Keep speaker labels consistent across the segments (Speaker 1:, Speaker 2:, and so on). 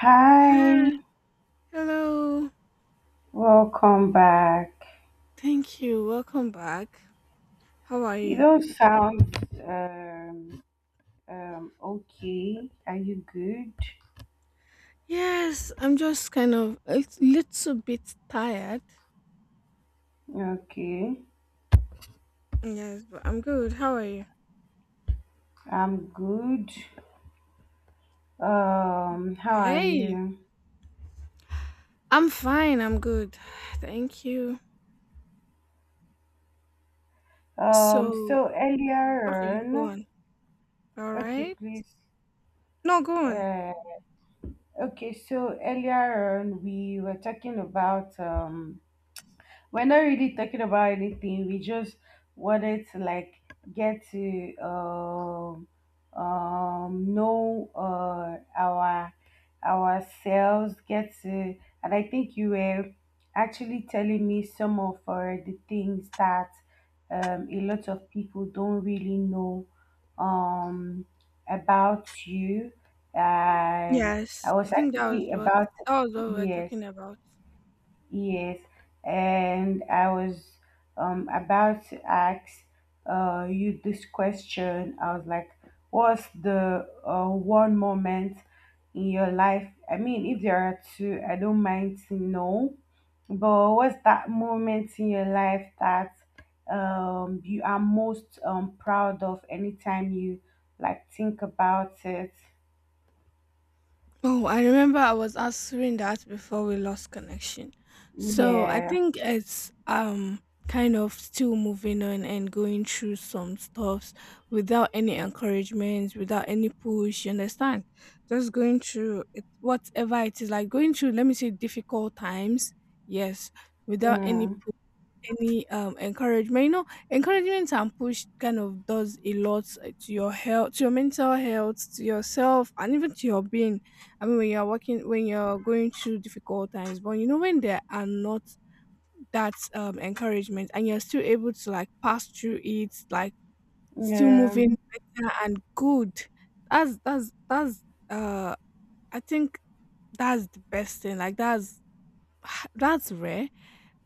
Speaker 1: Hi,
Speaker 2: Hi. Hello.
Speaker 1: welcome back.
Speaker 2: Thank you. Welcome back. How are
Speaker 1: You
Speaker 2: you?
Speaker 1: don't sound um, okay. Are you good?
Speaker 2: Yes, I'm just kind of a little bit tired.
Speaker 1: Okay,
Speaker 2: Yes, but I'm good. How are you?
Speaker 1: I'm good. How are
Speaker 2: Hey.
Speaker 1: you?
Speaker 2: I'm fine. I'm good. Thank you.
Speaker 1: Um,
Speaker 2: So,
Speaker 1: so earlier
Speaker 2: okay, go
Speaker 1: on,
Speaker 2: on. All
Speaker 1: okay,
Speaker 2: right.
Speaker 1: please.
Speaker 2: No, go on.
Speaker 1: Uh, okay, so earlier on, we were talking about we're not really talking about anything. We just wanted to like get to know our ourselves, get to and I think you were actually telling me some of the things that a lot of people don't really know um about you and I
Speaker 2: Yes, I
Speaker 1: was
Speaker 2: think that was
Speaker 1: actually
Speaker 2: what
Speaker 1: about
Speaker 2: that was what we were
Speaker 1: yes.
Speaker 2: talking about.
Speaker 1: Yes, and I was about to ask you this question. I was like, what's the one moment in your life? I mean, if there are two, I don't mind to know, but what's that moment in your life that you are most proud of anytime you like think about it?
Speaker 2: Oh, I remember I was answering that before we lost connection. So I
Speaker 1: Yeah.
Speaker 2: think it's kind of still moving on and going through some stuffs without any encouragement, without any push, you understand? Just going through it, whatever it is, like going through, let me say, difficult times, yes, without any
Speaker 1: Mm.
Speaker 2: any um encouragement you know encouragement and push. Kind of does a lot, to your health, to your mental health, to yourself, and even to your being. I mean, when you're working, when you're going through difficult times, but when there are not that encouragement, and you're still able to like pass through it, like still
Speaker 1: Yeah.
Speaker 2: moving better and good. That's. uh I think that's the best thing, like that's that's rare.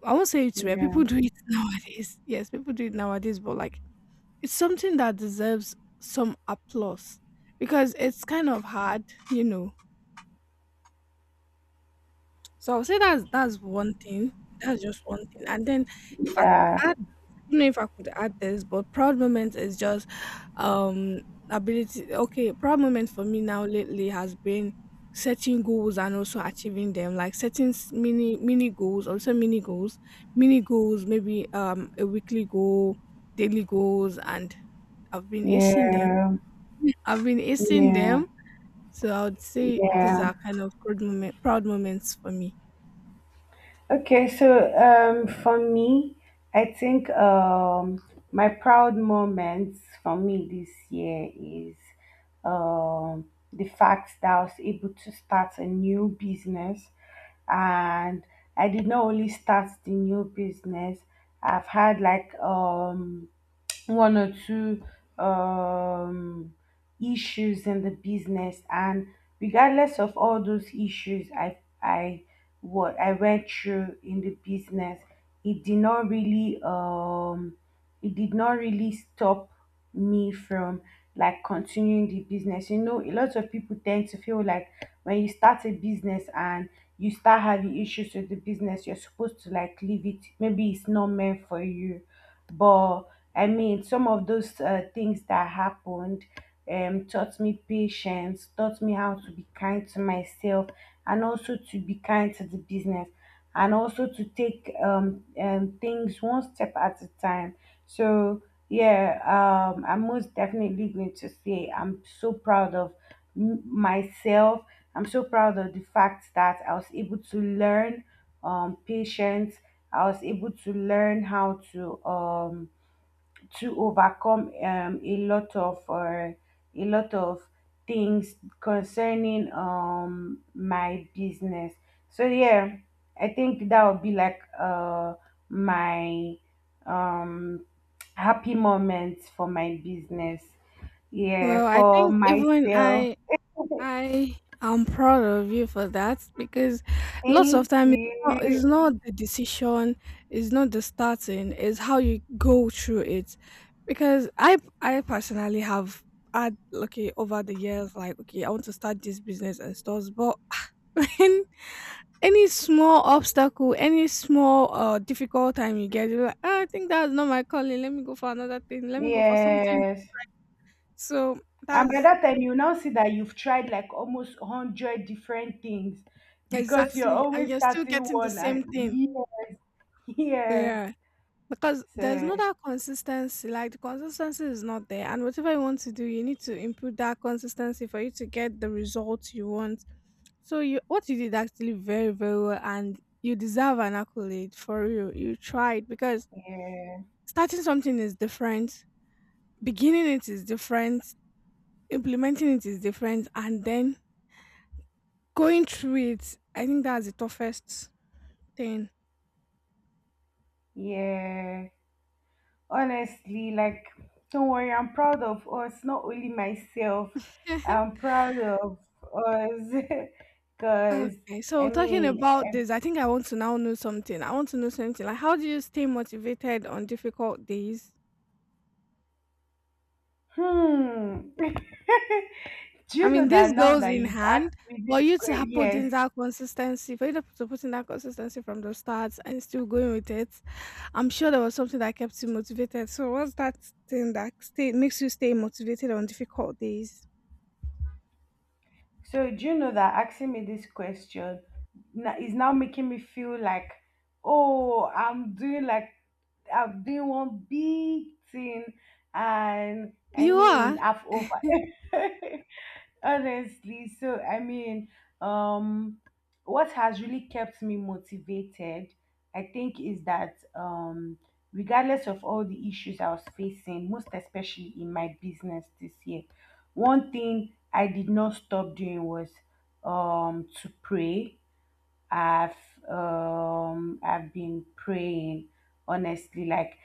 Speaker 2: I won't say it's rare.
Speaker 1: Yeah.
Speaker 2: People do it nowadays. Yes, people do it nowadays, but like it's something that deserves some applause, because it's kind of hard, you know. So I'll say that's one thing. That's just one thing. And then if I could
Speaker 1: Yeah.
Speaker 2: add I don't know if I could add this, but proud moment is just um proud moment for me now lately has been setting goals and also achieving them, like setting mini goals maybe a weekly goal, daily goals, and I've been acing them.
Speaker 1: Yeah.
Speaker 2: I've been acing
Speaker 1: Yeah,
Speaker 2: them. So I would say these
Speaker 1: yeah.
Speaker 2: are kind of proud moments for me.
Speaker 1: Okay, so for me, I think my proud moments for me this year is the fact that I was able to start a new business. And I did not only start the new business, I've had like one or two um, issues in the business and regardless of all those issues I what I went through in the business it did not really it did not really stop me from like continuing the business. You know, a lot of people tend to feel like when you start a business and you start having issues with the business, you're supposed to like leave it. Maybe it's not meant for you. But I mean, some of those things that happened taught me patience, taught me how to be kind to myself, and also to be kind to the business and also to take things one step at a time. So yeah, I'm most definitely going to say I'm so proud of myself. I'm so proud of the fact that I was able to learn patience. I was able to learn how to overcome a lot of things concerning my business. So yeah, I think that would be like my um happy moments for my business, yeah,
Speaker 2: Well, I
Speaker 1: for
Speaker 2: think even
Speaker 1: myself.
Speaker 2: I I am proud of you for that, because lots of
Speaker 1: Thank
Speaker 2: time it's not,
Speaker 1: you.
Speaker 2: it's not the decision, it's not the starting, it's how you go through it. Because I personally have had, okay, over the years, like, okay, I want to start this business and stores, but when any small obstacle, any small difficult time you get, you're like, "Ah, I think that's not my calling. Let me go for another thing. Let me go for something."
Speaker 1: Yes.
Speaker 2: So
Speaker 1: And by
Speaker 2: that's.
Speaker 1: that time, you now see that you've tried like almost 100 different things because you're
Speaker 2: Exactly, and
Speaker 1: always
Speaker 2: you're still
Speaker 1: starting
Speaker 2: getting the
Speaker 1: one. And
Speaker 2: same thing.
Speaker 1: yeah, yes.
Speaker 2: Yeah, because there's
Speaker 1: So,
Speaker 2: no that consistency. Like, the consistency is not there, and whatever you want to do, you need to improve that consistency for you to get the results you want. So, you, what you did actually, very very well, and you deserve an accolade for you. You tried, because
Speaker 1: yeah,
Speaker 2: starting something is different, beginning it is different, implementing it is different, and then going through it. I think that's the toughest thing.
Speaker 1: yeah. Honestly, like, don't worry, I'm proud of us, not only myself. I'm proud of us because,
Speaker 2: Okay,
Speaker 1: I
Speaker 2: so talking
Speaker 1: mean,
Speaker 2: about
Speaker 1: eh,
Speaker 2: this, I think I want to now know something. I want to know something. Like, how do you stay motivated on difficult days?
Speaker 1: hmm. Do
Speaker 2: I
Speaker 1: you know
Speaker 2: mean, this
Speaker 1: that now
Speaker 2: goes
Speaker 1: that
Speaker 2: in
Speaker 1: you've
Speaker 2: hand,
Speaker 1: asked me
Speaker 2: for
Speaker 1: this
Speaker 2: you to
Speaker 1: question?
Speaker 2: have put
Speaker 1: Yes,
Speaker 2: in that consistency, for you to put in that consistency from the start and still going with it. I'm sure there was something that kept you motivated. So, what's that thing makes you stay motivated on difficult days?
Speaker 1: so do you know that asking me this question is now making me feel like, oh, I'm doing like I'm doing one big thing, and I
Speaker 2: You
Speaker 1: mean
Speaker 2: are.
Speaker 1: I've over. Honestly, so I mean, um, what has really kept me motivated, I think, is that regardless of all the issues I was facing, most especially in my business this year, one thing I did not stop doing was to pray. I've I've been praying honestly, like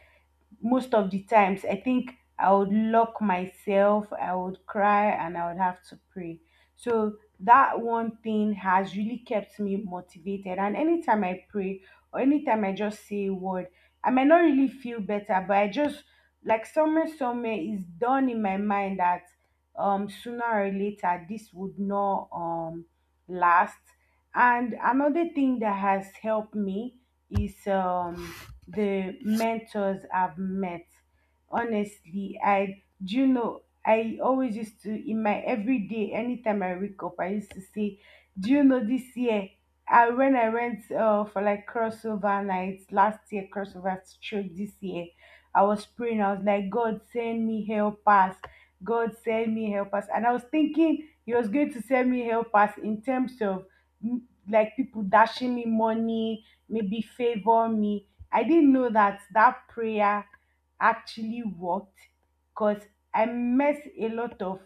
Speaker 1: most of the times I think I would lock myself, I would cry and I would have to pray. So that one thing has really kept me motivated, and anytime I pray or anytime I just say a word, I might not really feel better but I just like somewhere is done in my mind that sooner or later this would not last. And another thing that has helped me is the mentors I've met. Honestly, I do you know I always used to in my everyday anytime I wake up, I used to say, do you know this year? I when I went for like crossover nights last year, crossover stroke this year, I was praying, I was like, God send me help us. God send me help us. And I was thinking he was going to send me help us in terms of mm, like people dashing me money, maybe favor me. I didn't know that that prayer actually worked because I met a lot of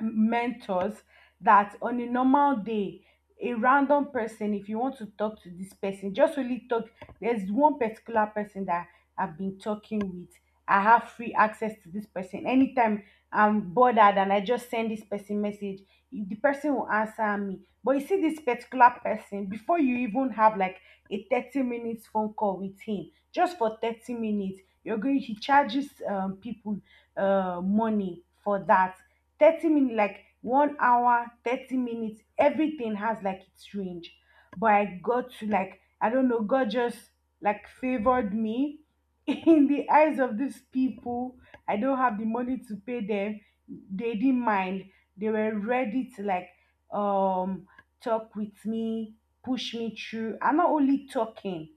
Speaker 1: mentors that on a normal day a random person if you want to talk to this person just really talk. There's one particular person that I've been talking with. I have free access to this person. Anytime I'm bothered and I just send this person message, the person will answer me. But you see this particular person, before you even have like a 30 minutes phone call with him, just for 30 minutes you're going, he charges people money for that 30 minutes, like 1 hour 30 minutes, everything has like its range. But I got to like, I don't know, God just like favored me in the eyes of these people. I don't have the money to pay them, they didn't mind. They were ready to like um talk with me, push me through, and not only talking,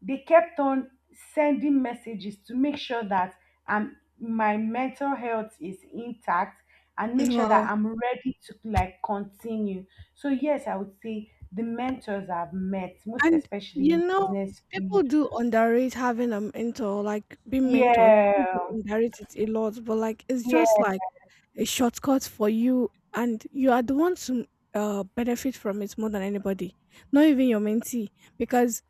Speaker 1: they kept on sending messages to make sure that my mental health is intact and make sure that
Speaker 2: Wow.
Speaker 1: I'm ready to like continue. So yes, I would say the mentors I've met, most
Speaker 2: And,
Speaker 1: especially
Speaker 2: you
Speaker 1: in
Speaker 2: know,
Speaker 1: business field.
Speaker 2: people do underrate having a mentor, like being mentored. People do
Speaker 1: Yeah,
Speaker 2: underrate it a lot, but like it's just
Speaker 1: yeah,
Speaker 2: like a shortcut for you, and you are the one to benefit from it more than anybody. Not even your mentee, because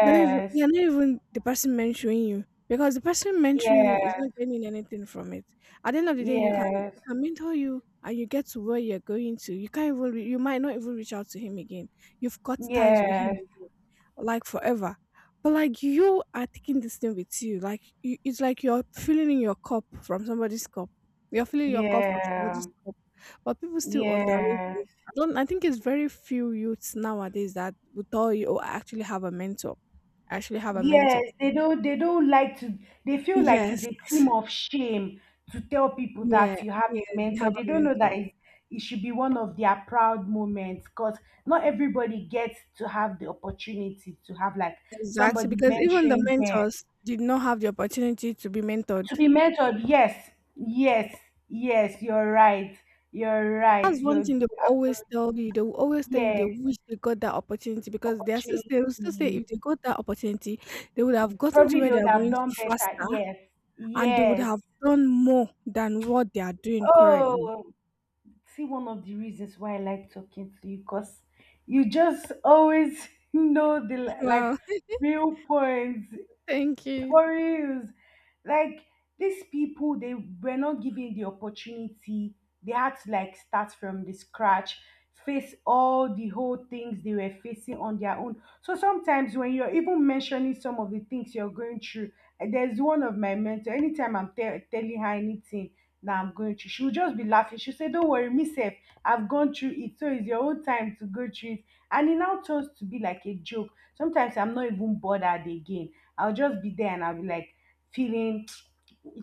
Speaker 2: not even the person mentoring you. Because the person mentoring
Speaker 1: yes,
Speaker 2: you is not gaining anything from it. At the end of the day, you can
Speaker 1: yes,
Speaker 2: you can mentor you, and you get to where you're going to. You can't even you might not even reach out to him again. You've got ties with him
Speaker 1: yes,
Speaker 2: like forever. But like, you are taking this thing with you. Like you, it's like you're filling in your cup from somebody's cup. You're filling your cup from
Speaker 1: yeah,
Speaker 2: somebody's cup. But people still underrate
Speaker 1: yeah.
Speaker 2: it. I don't I think it's very few youths nowadays that would tell you, "Oh, I actually have a mentor. I actually have a mentor."
Speaker 1: Yes, they don't like to they feel like it's
Speaker 2: Yes.
Speaker 1: a team of shame to tell people
Speaker 2: Yeah.
Speaker 1: that you have
Speaker 2: Yeah.
Speaker 1: a
Speaker 2: They
Speaker 1: mentor.
Speaker 2: have a
Speaker 1: They don't know that
Speaker 2: mentor.
Speaker 1: it should be one of their proud moments because not everybody gets to have the opportunity to have like
Speaker 2: Exactly.
Speaker 1: somebody
Speaker 2: Because even the
Speaker 1: mentoring them.
Speaker 2: mentors did not have the opportunity to be mentored.
Speaker 1: To be mentored, yes, yes, yes, you're right. You're right.
Speaker 2: That's one
Speaker 1: You're
Speaker 2: thing they will always
Speaker 1: absolutely,
Speaker 2: tell you. They will always tell you they
Speaker 1: yes,
Speaker 2: wish they got that opportunity, because they are still,
Speaker 1: opportunity.
Speaker 2: they will still say, if they got that opportunity, they would have gotten to
Speaker 1: Probably
Speaker 2: where
Speaker 1: they
Speaker 2: they
Speaker 1: would
Speaker 2: are
Speaker 1: have
Speaker 2: going to
Speaker 1: done better.
Speaker 2: faster,
Speaker 1: Yes.
Speaker 2: and they would
Speaker 1: Yes.
Speaker 2: have done more than what they are doing currently.
Speaker 1: Oh, see one of the reasons why I like talking to you because you just always know the like
Speaker 2: Wow.
Speaker 1: real points
Speaker 2: Thank you.
Speaker 1: for reals. Like these people, they were not given the opportunity. They had to like start from the scratch, face all the whole things they were facing on their own. So sometimes when you're even mentioning some of the things you're going through, and there's one of my mentor. Anytime I'm telling her anything that I'm going through, she'll just be laughing. She'll say, don't worry, me sef, I've gone through it. So it's your own time to go through it. And it now turns to be like a joke. Sometimes I'm not even bothered again. I'll just be there and I'll be like feeling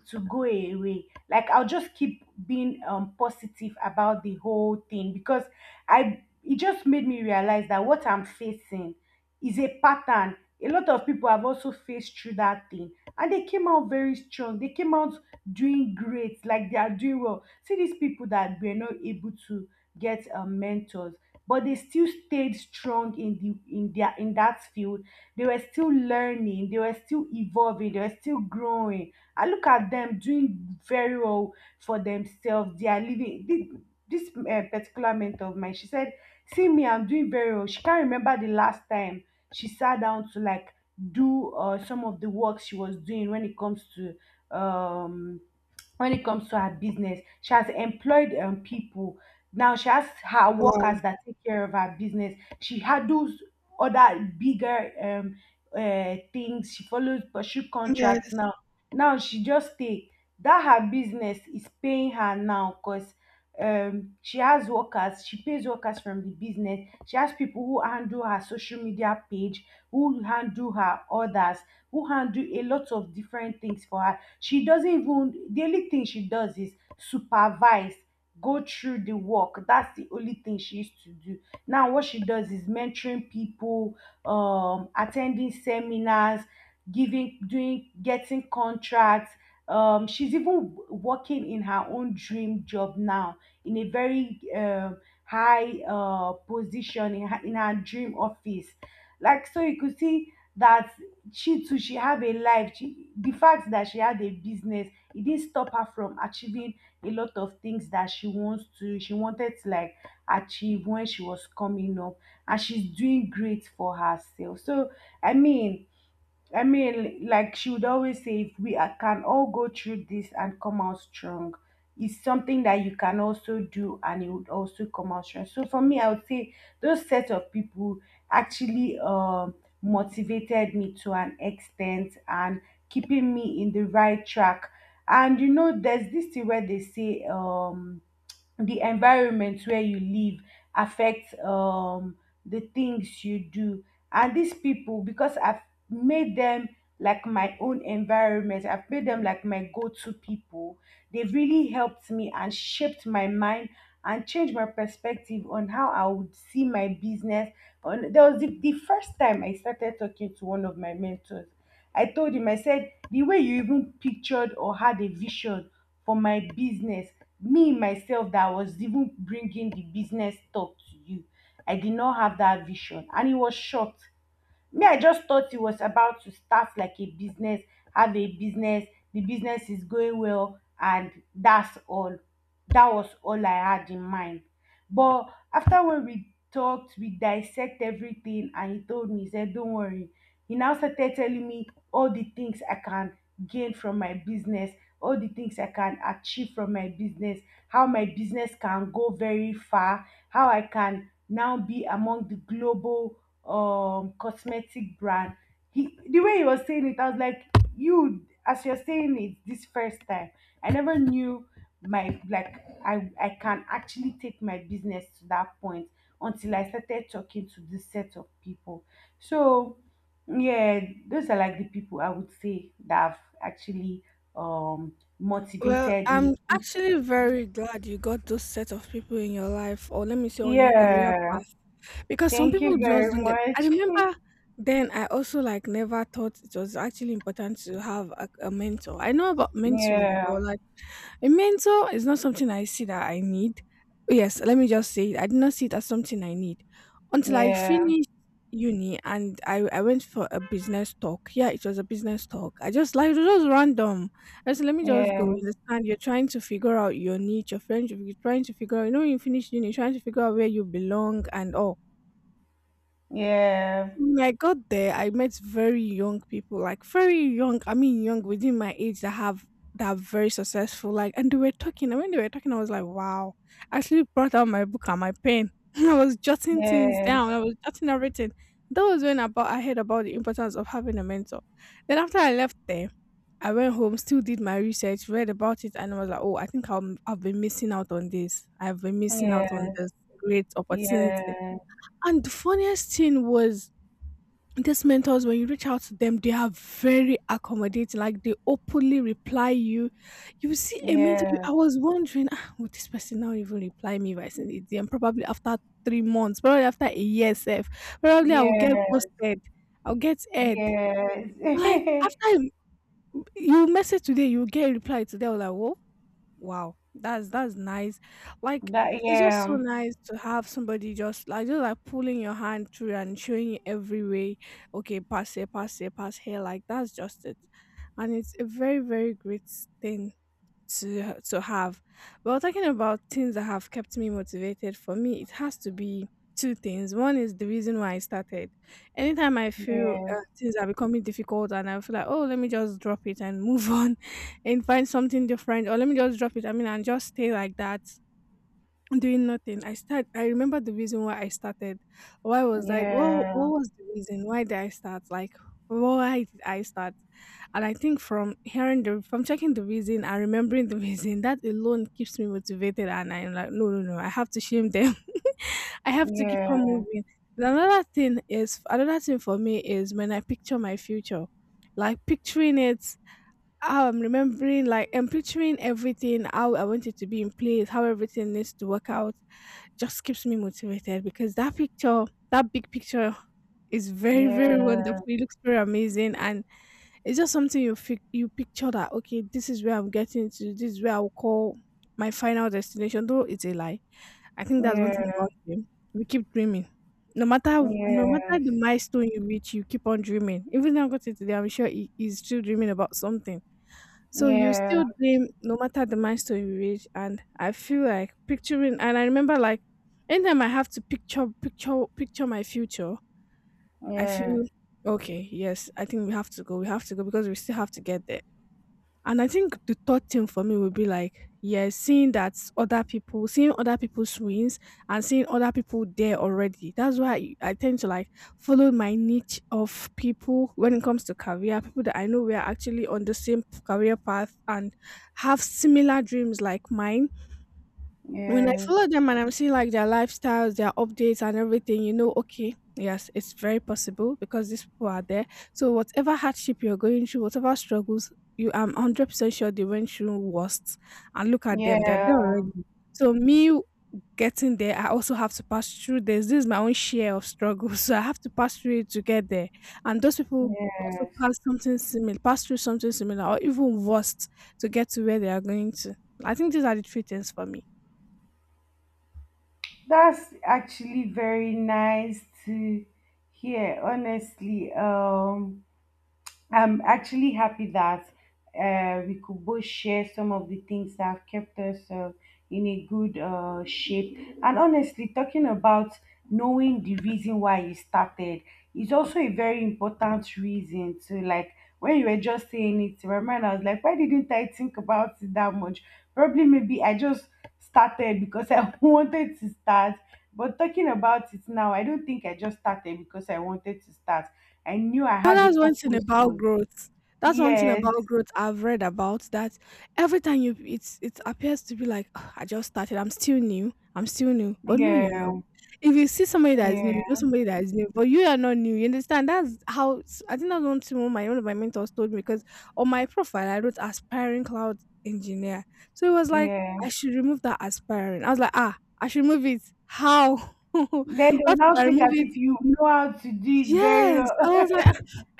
Speaker 1: to go away. Like I'll just keep being positive about the whole thing because I it just made me realize that what I'm facing is a pattern. A lot of people have also faced through that thing and they came out very strong. They came out doing great, like they are doing well. See these people that were not able to get mentors, but they still stayed strong in the in their in that field. They were still learning, they were still evolving, they were still growing. I look at them doing very well for themselves. They are living. This, eh, particular mentor of mine, she said, "See me, I'm doing very well." She can't remember the last time she sat down to like do some of the work she was doing when it comes to um when it comes to her business. She has employed people. Now she has her workers
Speaker 2: Wow.
Speaker 1: that take care of her business. She handles other bigger things. She follows pursue contracts
Speaker 2: Yes.
Speaker 1: now. Now she just take that her business is paying her now because she has workers. She pays workers from the business. She has people who handle her social media page, who handle her others, who handle a lot of different things for her. She doesn't even, the only thing she does is supervise, go through the work. That's the only thing she used to do. Now, what she does is mentoring people, attending seminars, giving, doing, getting contracts. She's even working in her own dream job now in a very high position in her dream office. Like, so you could see that she have a life. She the fact that she had a business, it didn't stop her from achieving a lot of things that she wants to she wanted to like achieve when she was coming up, and she's doing great for herself. So I mean, I mean, like she would always say, if can all go through this and come out strong, it's something that you can also do and it would also come out strong. So for me, I would say those set of people actually motivated me to an extent and keeping me in the right track. And there's this thing where they say, the environment where you live affects the things you do, and these people, because I've made them like my own environment, I've made them like my go-to people. They've really helped me and shaped my mind and changed my perspective on how I would see my business. On, there was the first time I started talking to one of my mentors. I told him, I said, the way you even pictured or had a vision for my business, me myself that was even bringing the business talk to you, I did not have that vision. And it was short. Me, I just thought he was about to start like a business, have a business, the business is going well, and that's all. That was all I had in mind. But after when we talked, we dissect everything, and he told me, he said, don't worry. He now started telling me all the things I can gain from my business, all the things I can achieve from my business, how my business can go very far, how I can now be among the global cosmetic brand. He, the way he was saying it, I was like, you, as you're saying it this first time, I never knew my, like, I can actually take my business to that point until I started talking to this set of people. So yeah, those are like the people I would say that have actually um
Speaker 2: Well,
Speaker 1: motivated me,
Speaker 2: I'm
Speaker 1: pushed
Speaker 2: actually
Speaker 1: me.
Speaker 2: very glad you got those set of people in your life, or let me say on your career
Speaker 1: Yeah.
Speaker 2: path. Because some
Speaker 1: Thank you
Speaker 2: people just
Speaker 1: very
Speaker 2: don't get. I
Speaker 1: much.
Speaker 2: remember then I also, like, never thought it was actually important to have a mentor. I know about mentoring,
Speaker 1: Yeah.
Speaker 2: but like a mentor is not something I see that I need. Yes, let me just say it. I did not see it as something I need until I
Speaker 1: Yeah.
Speaker 2: finished uni, and I went for a business talk. Yeah, it was a business talk. I just, like, it was just random. I said, let me just go. You
Speaker 1: Yeah.
Speaker 2: understand? You're trying to figure out your niche, your friends, you're trying to figure out, you know, when you finish uni, you're trying to figure out where you belong and all.
Speaker 1: Yeah.
Speaker 2: When I got there, I met very young people, like very young. I mean, young within my age that are very successful. Like, and they were talking, and when they were talking, I was like, wow. I actually brought out my book and my pen. I was jotting things down.
Speaker 1: Yes.
Speaker 2: I was jotting everything. That was when about I heard about the importance of having a mentor. Then after I left there, I went home, still did my research, read about it, and I was like, "Oh, I think I've been missing out on this. I've been missing out on
Speaker 1: Yes.
Speaker 2: this great opportunity."
Speaker 1: Yeah.
Speaker 2: And the funniest thing was, these mentors, when you reach out to them, they are very accommodating, like they openly reply You see, a mentor,
Speaker 1: Yeah.
Speaker 2: I was wondering, ah, would this person now even reply me if I send it DM? Probably after 3 months, probably after a year self, probably I will get
Speaker 1: Yeah.
Speaker 2: ghosted, I'll get aired,
Speaker 1: Yes.
Speaker 2: like after a you message today, you get a reply today. I was like, whoa, wow, that's nice. Like,
Speaker 1: That,
Speaker 2: it's just so
Speaker 1: yeah.
Speaker 2: nice to have somebody just like pulling your hand through and showing you every way. Okay, pass here, pass here, pass here. Like, that's just it, and it's a very very great thing to have. Well, talking about things that have kept me motivated, for me, it has to be two things. One is the reason why I started. Anytime I feel,
Speaker 1: Yes.
Speaker 2: things are becoming difficult, and I feel like, oh, let me just drop it and move on and find something different, or let me just drop it, I mean, and just stay like that. Doing nothing. I remember the reason why I started. Why was I what
Speaker 1: Yeah.
Speaker 2: was the reason? Why did I start? Like, why did I start? And I think from hearing the from checking the reason and remembering the reason, that alone keeps me motivated, and I'm like, no, no, no, I have to shame them. I have to
Speaker 1: Yeah.
Speaker 2: keep on moving. And another thing for me is when I picture my future. Like picturing it, how I'm remembering, like, I'm picturing everything, how I want it to be in place, how everything needs to work out, just keeps me motivated, because that picture, that big picture, is very, very
Speaker 1: Yeah.
Speaker 2: wonderful. It looks very amazing. And it's just something you you picture that, okay, this is where I'm getting to, this is where I'll call my final destination, though it's a lie. I think that's one thing
Speaker 1: Yeah.
Speaker 2: about dream. We keep dreaming. No matter
Speaker 1: Yes.
Speaker 2: the milestone you reach, you keep on dreaming. Even now I got it today, I'm sure he's still dreaming about something. So you
Speaker 1: Yeah.
Speaker 2: still dream no matter the milestone you reach, and I feel like picturing. And I remember, like, anytime I have to picture my future, I
Speaker 1: Yeah.
Speaker 2: feel okay. Yes, I think we have to go. We have to go because we still have to get there. And I think the third thing for me would be, like, yeah, seeing that other people, seeing other people's wins, and seeing other people there already. That's why I tend to like follow my niche of people when it comes to career, people that I know we are actually on the same career path and have similar dreams like mine when I
Speaker 1: Yes.
Speaker 2: follow them and I'm seeing like their lifestyles, their updates and everything, you know, okay, yes, it's very possible because these people are there. So whatever hardship you're going through, whatever struggles, you I'm 100% sure they went through worst. And look at them, they're there
Speaker 1: Yeah.
Speaker 2: already. So me getting there, I also have to pass through this. This is my own share of struggle. So I have to pass through it to get there. And those people also
Speaker 1: Yes.
Speaker 2: pass something similar, pass through something similar or even worse to get to where they are going to. I think these are the three things for me.
Speaker 1: That's actually very nice to hear, honestly. I'm actually happy that we could both share some of the things that have kept us in a good shape. And honestly, talking about knowing the reason why you started is also a very important reason. To like, when you were just saying it, remember, I was like, why didn't I think about it that much? Probably maybe I just started because I wanted to start. But talking about it now, I don't think I just started because I wanted to start. I knew I
Speaker 2: You know,
Speaker 1: had a
Speaker 2: that's one thing
Speaker 1: purpose
Speaker 2: about
Speaker 1: for.
Speaker 2: growth. That's one thing
Speaker 1: Yes,
Speaker 2: about growth I've read about that every time you it's it appears to be like, "Ugh, I just started, I'm still new, I'm still new." But no, you're not.
Speaker 1: yeah,
Speaker 2: If you see somebody that is new, you know
Speaker 1: yeah,
Speaker 2: somebody that is new, but you are not new. You understand? I think that's one thing one of my mentors told me because on my profile I wrote aspiring cloud engineer. So it was like
Speaker 1: yeah.
Speaker 2: I should remove that aspiring. I was like, "Ah, I should remove it. How? What
Speaker 1: Then they'll
Speaker 2: if
Speaker 1: now
Speaker 2: I
Speaker 1: think
Speaker 2: remove
Speaker 1: as
Speaker 2: it?"
Speaker 1: if you know how to do it very
Speaker 2: Yes,
Speaker 1: well.
Speaker 2: I was like, "Ah,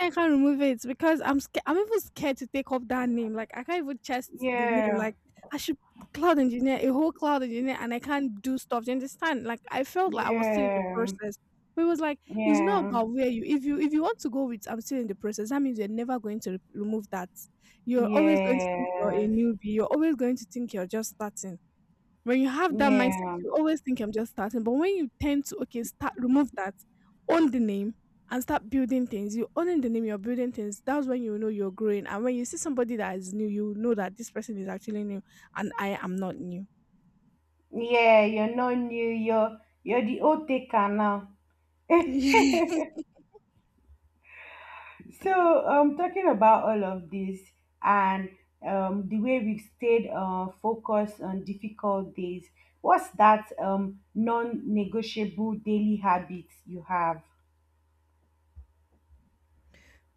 Speaker 2: I can't remove it because I'm scared. I'm even scared to take up that name, like, I can't even chest the name,
Speaker 1: Yeah,
Speaker 2: like, I should cloud engineer, a whole cloud engineer, and I can't do stuff, do you understand?" Like, I felt like I was still in the
Speaker 1: yeah,
Speaker 2: process, but it was like, it's not
Speaker 1: yeah,
Speaker 2: about where you if you want to go with "I'm still in the process," that means you're never going to re remove that. You're always going to think you're a
Speaker 1: yes,
Speaker 2: newbie, you're always going to think you're just starting. When you have that mindset,
Speaker 1: yeah,
Speaker 2: you always think I'm just starting. But when you tend to okay, start remove that, own the name and start building things. You owning the name, you're building things. That's when you know you're growing. And when you see somebody that is new, you know that this person is actually new and I am not new.
Speaker 1: yeah. You're not new. You're the old taker now.
Speaker 2: Yeah.
Speaker 1: So, talking about all of this and the way we've stayed focused on difficult days, what's that non-negotiable daily habit you have?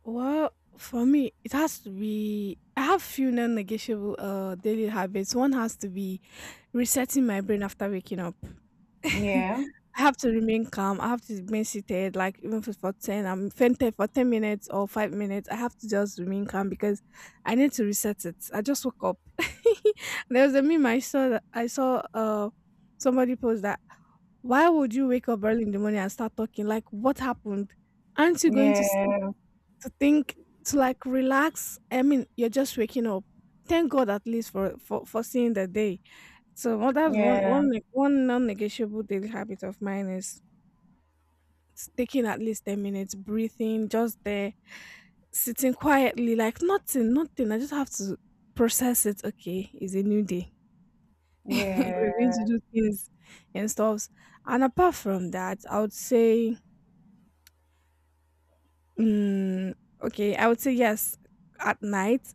Speaker 2: Well, for me, it has to be. I have few non-negotiable daily habits. One has to be resetting my brain after waking up.
Speaker 1: Yeah,
Speaker 2: I have to remain calm. I have to remain seated, like even if it's for ten, I'm fainted for 10 minutes or 5 minutes. I have to just remain calm because I need to reset it. I just woke up. There was a meme I saw, that I saw somebody post, that why would you wake up early in the morning and start talking? Like what happened? Aren't you going to sleep
Speaker 1: yeah,
Speaker 2: to think to like relax? I mean, you're just waking up. Thank God at least for seeing the day. So well, that's one
Speaker 1: yeah,
Speaker 2: one ne- one non-negotiable daily habit of mine is taking at least 10 minutes, breathing, just there, sitting quietly, like nothing, nothing. I just have to process it. Okay, it's a new day. We're going
Speaker 1: yeah,
Speaker 2: to do things and stuff. And apart from that, I would say, mm, okay, I would say yes at night.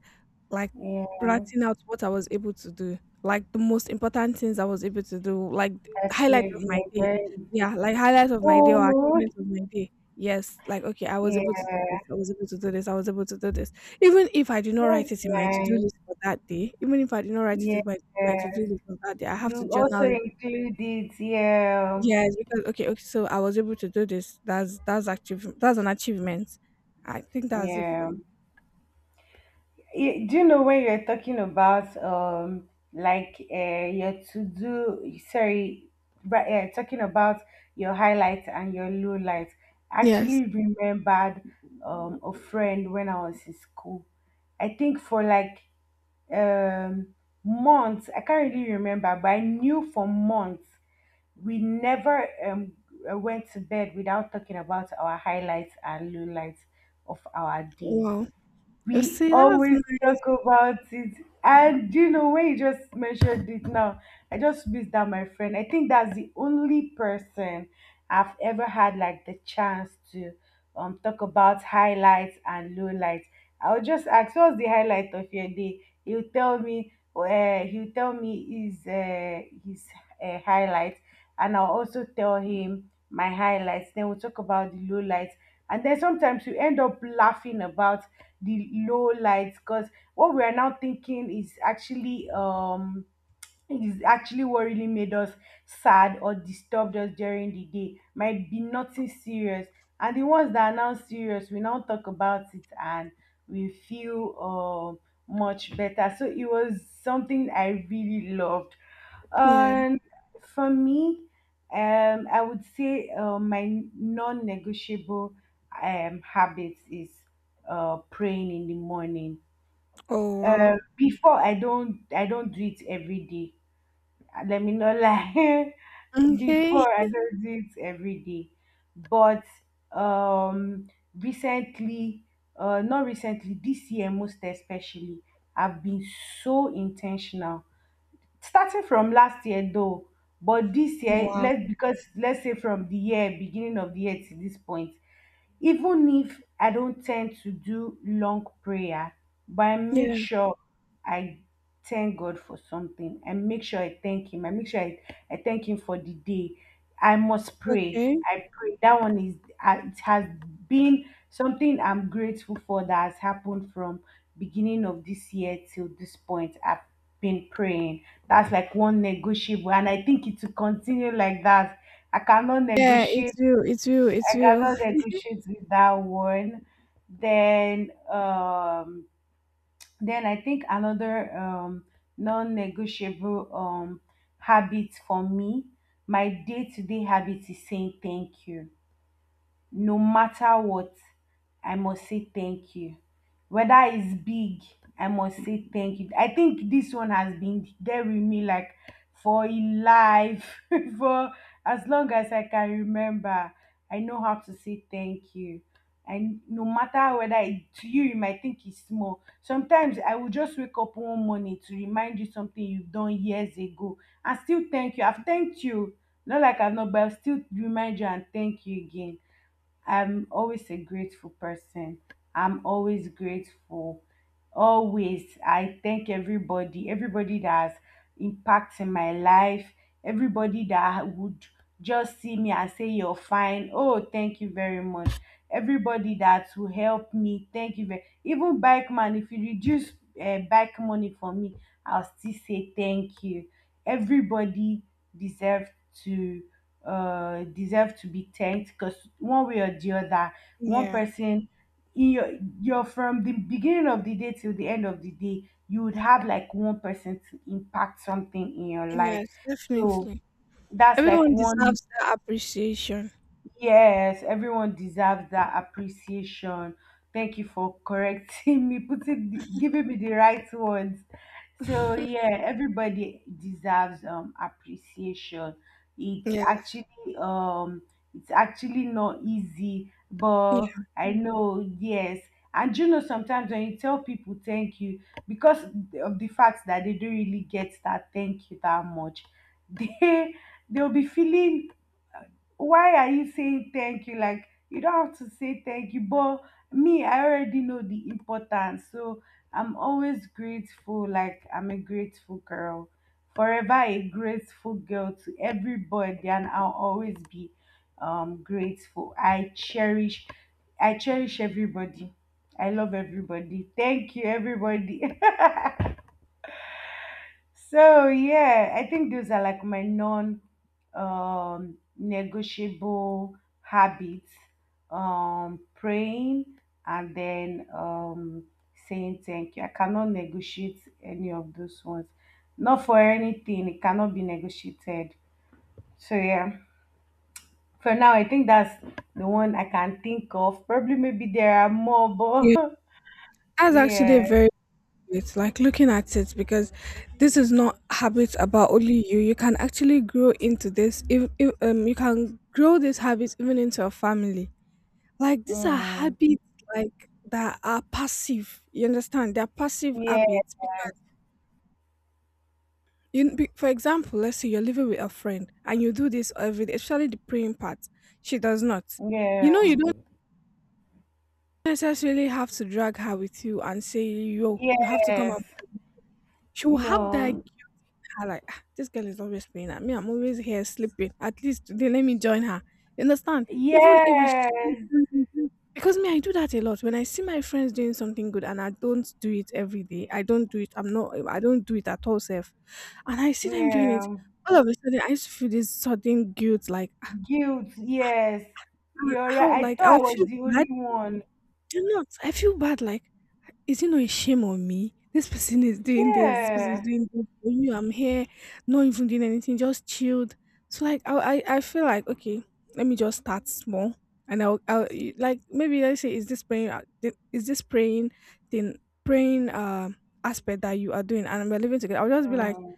Speaker 2: Like,
Speaker 1: yeah.
Speaker 2: writing out what I was able to do, like, the most important things I was able to do, like, the
Speaker 1: Catch you
Speaker 2: highlight
Speaker 1: if
Speaker 2: of my day.
Speaker 1: you're.
Speaker 2: Yeah, like, highlight of my day or achievements of my day. Yes, like, "Okay, I was able to
Speaker 1: Yeah,
Speaker 2: do this, I was able to do this, I was able to do this." Even if I did not
Speaker 1: that's
Speaker 2: write it in my to-do
Speaker 1: nice.
Speaker 2: list for that day, even if I did not write it
Speaker 1: Yes,
Speaker 2: in my to-do list for that day, I have to
Speaker 1: you also
Speaker 2: journal it.
Speaker 1: included. Yeah,
Speaker 2: Yes, because okay, okay, so I was able to do this. That's an achievement. I think that's it for
Speaker 1: yeah.
Speaker 2: me.
Speaker 1: Do you know when you're talking about like your to do sorry, but talking about your highlight and your low light, I
Speaker 2: Yes.
Speaker 1: actually remembered a friend when I was in school. I think for like um months, I can't really remember, but I knew for months we never went to bed without talking about our highlights and low lights of our day.
Speaker 2: Wow. You
Speaker 1: We
Speaker 2: see, that's
Speaker 1: always
Speaker 2: nice.
Speaker 1: talk about it. And do you know, when you just mentioned it now, I just missed that my friend. I think that's the only person I've ever had like the chance to talk about highlights and lowlights. I'll just ask, what's the highlight of your day? He'll tell me his highlights, and I'll also tell him my highlights. Then we'll talk about the lowlights, and then sometimes we end up laughing about the low lights, because what we are now thinking is actually what really made us sad or disturbed us during the day might be nothing serious, and the ones that are now serious we now talk about it and we feel much better. So it was something I really loved.
Speaker 2: Yeah.
Speaker 1: And for me, I would say my non-negotiable habits is praying in the morning.
Speaker 2: Oh, wow.
Speaker 1: Before, I don't do it every day. Let me not lie.
Speaker 2: Okay.
Speaker 1: Before, I don't do it every day, but um recently, not recently, this year most especially, I've been so intentional, starting from last year though. But this year,
Speaker 2: Wow.
Speaker 1: let's, because let's say from the year, beginning of the year to this point, even if I don't tend to do long prayer, but I make
Speaker 2: Yeah.
Speaker 1: sure I thank God for something. I make sure I thank him. I make sure I thank him for the day. I must pray.
Speaker 2: Okay.
Speaker 1: I pray. That one is it has been something I'm grateful for that has happened from beginning of this year till this point. I've been praying. That's like one negotiable, and I think it will continue like that. I cannot
Speaker 2: Yeah, it
Speaker 1: negotiate.
Speaker 2: will. It will. It
Speaker 1: I
Speaker 2: will.
Speaker 1: gather the good shoots with that one. Then, then I think another non-negotiable habit for me, my day-to-day habit, is saying thank you. No matter what, I must say thank you. Whether it's big, I must say thank you. I think this one has been there with me like for a life for as long as I can remember. I know how to say thank you, and no matter whether it, to you might think it's small, sometimes I will just wake up one morning to remind you something you've done years ago and still thank you. I've thanked you, not like I've not, but I'll still remind you and thank you again. I'm always a grateful person. I'm always grateful. Always. I thank everybody, everybody that has impact in my life, everybody that would just see me and say, you're fine. Oh, thank you very much. Everybody that will help me, thank you. Very, even bike man, if you reduce bike money for me, I'll still say thank you. Everybody deserves to deserve to be thanked, because one way or the other, one
Speaker 2: Yeah.
Speaker 1: person in your, you're from the beginning of the day till the end of the day, you would have like one person to impact something in your life.
Speaker 2: Yes,
Speaker 1: So
Speaker 2: definitely.
Speaker 1: that's like
Speaker 2: Everyone
Speaker 1: one.
Speaker 2: deserves that appreciation.
Speaker 1: Yes, everyone deserves that appreciation. Thank you for correcting me, putting giving me the right words. So yeah, everybody deserves appreciation. It's
Speaker 2: Yes.
Speaker 1: actually, um it's actually not easy, but
Speaker 2: Yeah.
Speaker 1: I know, yes. And sometimes when you tell people thank you, because of the fact that they don't really get that thank you that much, they they'll be feeling, why are you saying thank you, like you don't have to say thank you. But me, I already know the importance, so I'm always grateful. Like, I'm a grateful girl, forever a grateful girl to everybody, and I'll always be grateful. I cherish everybody, I love everybody, thank you everybody. So yeah, I think those are like my non negotiable habits. Praying, and then saying thank you. I cannot negotiate any of those ones. Not for anything, it cannot be negotiated. So yeah. For now, I think that's the one I can think of. Probably maybe there are more,
Speaker 2: Yeah.
Speaker 1: but
Speaker 2: That's actually a
Speaker 1: yeah.
Speaker 2: very, it's like looking at it because this is not habits about only you. You can actually grow into this. If, if you can grow these habits even into a family. Like these are
Speaker 1: Mm.
Speaker 2: habits like that are passive. You understand? They're passive
Speaker 1: Yeah.
Speaker 2: habits. For example, let's say you're living with a friend and you do this every day, especially the praying part. She does not. You know, you
Speaker 1: Yeah.
Speaker 2: don't necessarily have to drag her with you and say, "Yo, you have to come up."
Speaker 1: Yes.
Speaker 2: She will have that,
Speaker 1: No,
Speaker 2: I like, "Ah, this girl is always playing at me. I'm always here sleeping. At least today, let me join her." You understand? Even if
Speaker 1: yes,
Speaker 2: it's because me, I do that a lot. When I see my friends doing something good and I don't do it every day, I don't do it. I'm not. I don't do it at all, self. And I see them doing it.
Speaker 1: yeah,
Speaker 2: All of a sudden, I used to feel this sudden guilt, like ah,
Speaker 1: guilt. Yes, you're
Speaker 2: how,
Speaker 1: right. I
Speaker 2: like
Speaker 1: thought I
Speaker 2: I'll
Speaker 1: was
Speaker 2: feel
Speaker 1: the only
Speaker 2: bad.
Speaker 1: one.
Speaker 2: Do not. I feel bad, like, is it not a shame on me? This person is doing this, this person
Speaker 1: Yeah,
Speaker 2: is doing this for you. I'm here, not even doing anything, just chilled. So like I feel like okay, let me just start small. And like maybe let's say is this praying is this praying thing praying aspect that you are doing and we're living together. I'll just be like
Speaker 1: mm,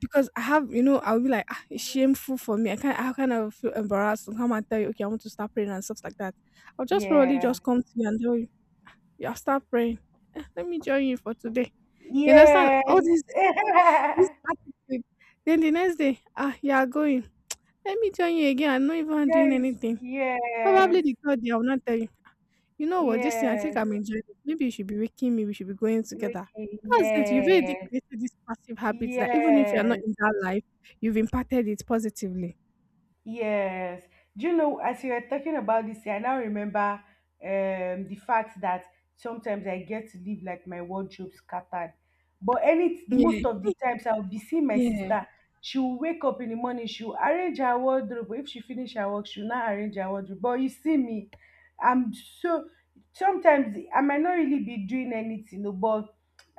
Speaker 2: because I have, you know, I'll be like, "Ah, it's shameful for me. I can't." I kind of feel embarrassed and come and tell you, "Okay, I want to start praying and stuff like that." I'll just probably
Speaker 1: yeah,
Speaker 2: just come to you and tell you you have start praying. "Eh, let me join you for today." You understand? All
Speaker 1: yes,
Speaker 2: this this attitude. Then the next day, ah, you are going. Let me join you again. I'm not even doing
Speaker 1: joy,
Speaker 2: anything. Probably
Speaker 1: yes,
Speaker 2: the God they will not tell you. You know what? This thing, I think
Speaker 1: yes,
Speaker 2: I'm enjoying it. Maybe you should be waking me. We should be going together.
Speaker 1: okay,
Speaker 2: That's it. You've already
Speaker 1: yes,
Speaker 2: created this passive habit that even if you're not
Speaker 1: yes.
Speaker 2: in that life, you've impacted it positively.
Speaker 1: Yes. Do you know, as you were talking about this, I now remember the fact that sometimes I get to leave like my wardrobe scattered. But any,
Speaker 2: Yeah,
Speaker 1: most of the times, I'll be seeing my
Speaker 2: yeah.
Speaker 1: sister. She'll wake up in the morning, she'll arrange her wardrobe. If she finish her work, she'll not arrange her wardrobe. But you see me, I'm so, sometimes I might not really be doing anything, no, but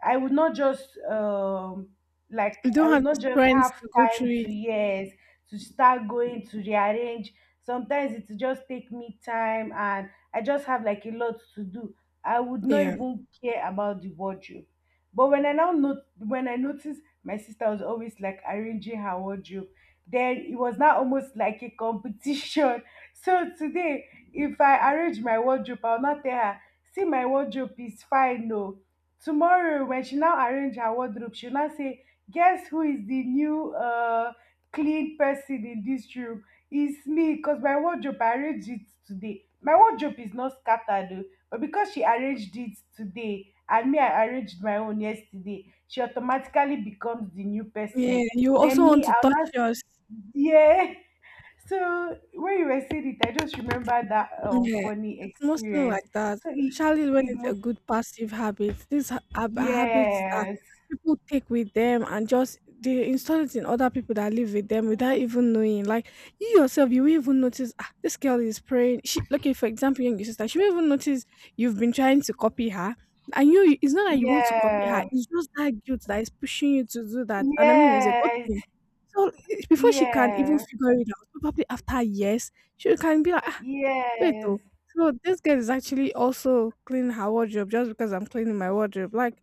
Speaker 1: I would not just, like
Speaker 2: You
Speaker 1: I
Speaker 2: don't
Speaker 1: would
Speaker 2: have the
Speaker 1: not just
Speaker 2: strength
Speaker 1: have
Speaker 2: to go
Speaker 1: time
Speaker 2: through
Speaker 1: to,
Speaker 2: it.
Speaker 1: yes, to start going to rearrange. Sometimes it just take me time and I just have like a lot to do. I would not
Speaker 2: Yeah.
Speaker 1: even care about the wardrobe. But when I now, not when I noticed my sister was always like arranging her wardrobe, then it was now almost like a competition. So today, if I arrange my wardrobe, I'll not tell her, see my wardrobe is fine, no. Tomorrow, when she now arrange her wardrobe, she'll now say, guess who is the new clean person in this room. It's me, because my wardrobe, I arranged it today. My wardrobe is not scattered though, but because she arranged it today and me I arranged my own yesterday, she automatically becomes the new
Speaker 2: Yeah,
Speaker 1: person.
Speaker 2: you also
Speaker 1: Then me,
Speaker 2: want to
Speaker 1: I'll
Speaker 2: touch
Speaker 1: not.
Speaker 2: yours.
Speaker 1: Yeah. So when you were saying it, I just remember that
Speaker 2: Yeah,
Speaker 1: funny
Speaker 2: it's mostly
Speaker 1: experience.
Speaker 2: like that,
Speaker 1: So it
Speaker 2: especially when
Speaker 1: it
Speaker 2: it's a
Speaker 1: must.
Speaker 2: good passive habit. These are habits that
Speaker 1: Yes.
Speaker 2: people take with them and just they install it in other people that live with them without even knowing. Like you yourself, you won't even notice, "Ah, this girl is praying." She, okay, for example, your sister, she won't even notice you've been trying to copy her. And you, it's not that you want to copy her,
Speaker 1: Yeah.
Speaker 2: it's just that guilt that is pushing you to do that. And I mean, it's a good
Speaker 1: Yes.
Speaker 2: thing. So eh, before she can even
Speaker 1: Yeah.
Speaker 2: figure it out, probably after years, she can be like, "Wait
Speaker 1: Yes.
Speaker 2: though, so this girl is actually also cleaning her wardrobe just because I'm cleaning my wardrobe." Like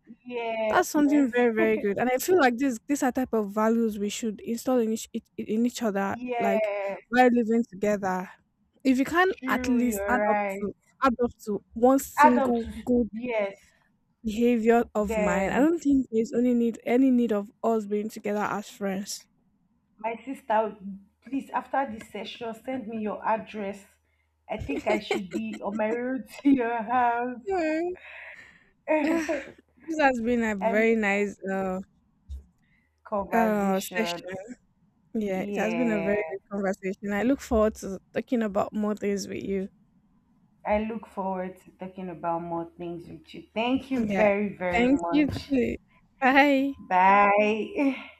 Speaker 2: that's something
Speaker 1: Yes,
Speaker 2: very, very good. And I feel like this these are type of values we should install in in each other, like
Speaker 1: yes,
Speaker 2: while living together. If you can at
Speaker 1: true,
Speaker 2: least
Speaker 1: you're right.
Speaker 2: add up to one
Speaker 1: Adults.
Speaker 2: single good
Speaker 1: Yes.
Speaker 2: behavior of mine, I
Speaker 1: Then
Speaker 2: don't think there's only need any need of us being together as friends.
Speaker 1: my sister, please, after this session, send me your address. I think I should be on my road to your house.
Speaker 2: Anyway,
Speaker 1: I
Speaker 2: yeah, this has been a
Speaker 1: made
Speaker 2: very
Speaker 1: a
Speaker 2: nice uh
Speaker 1: conversation.
Speaker 2: session. Yeah, it has been a
Speaker 1: Yeah,
Speaker 2: very good conversation. I look forward to talking about more things with you.
Speaker 1: I look forward to talking about more things with you. Thank you
Speaker 2: Yeah.
Speaker 1: very, very
Speaker 2: Thank you
Speaker 1: much.
Speaker 2: too. Bye.
Speaker 1: Bye.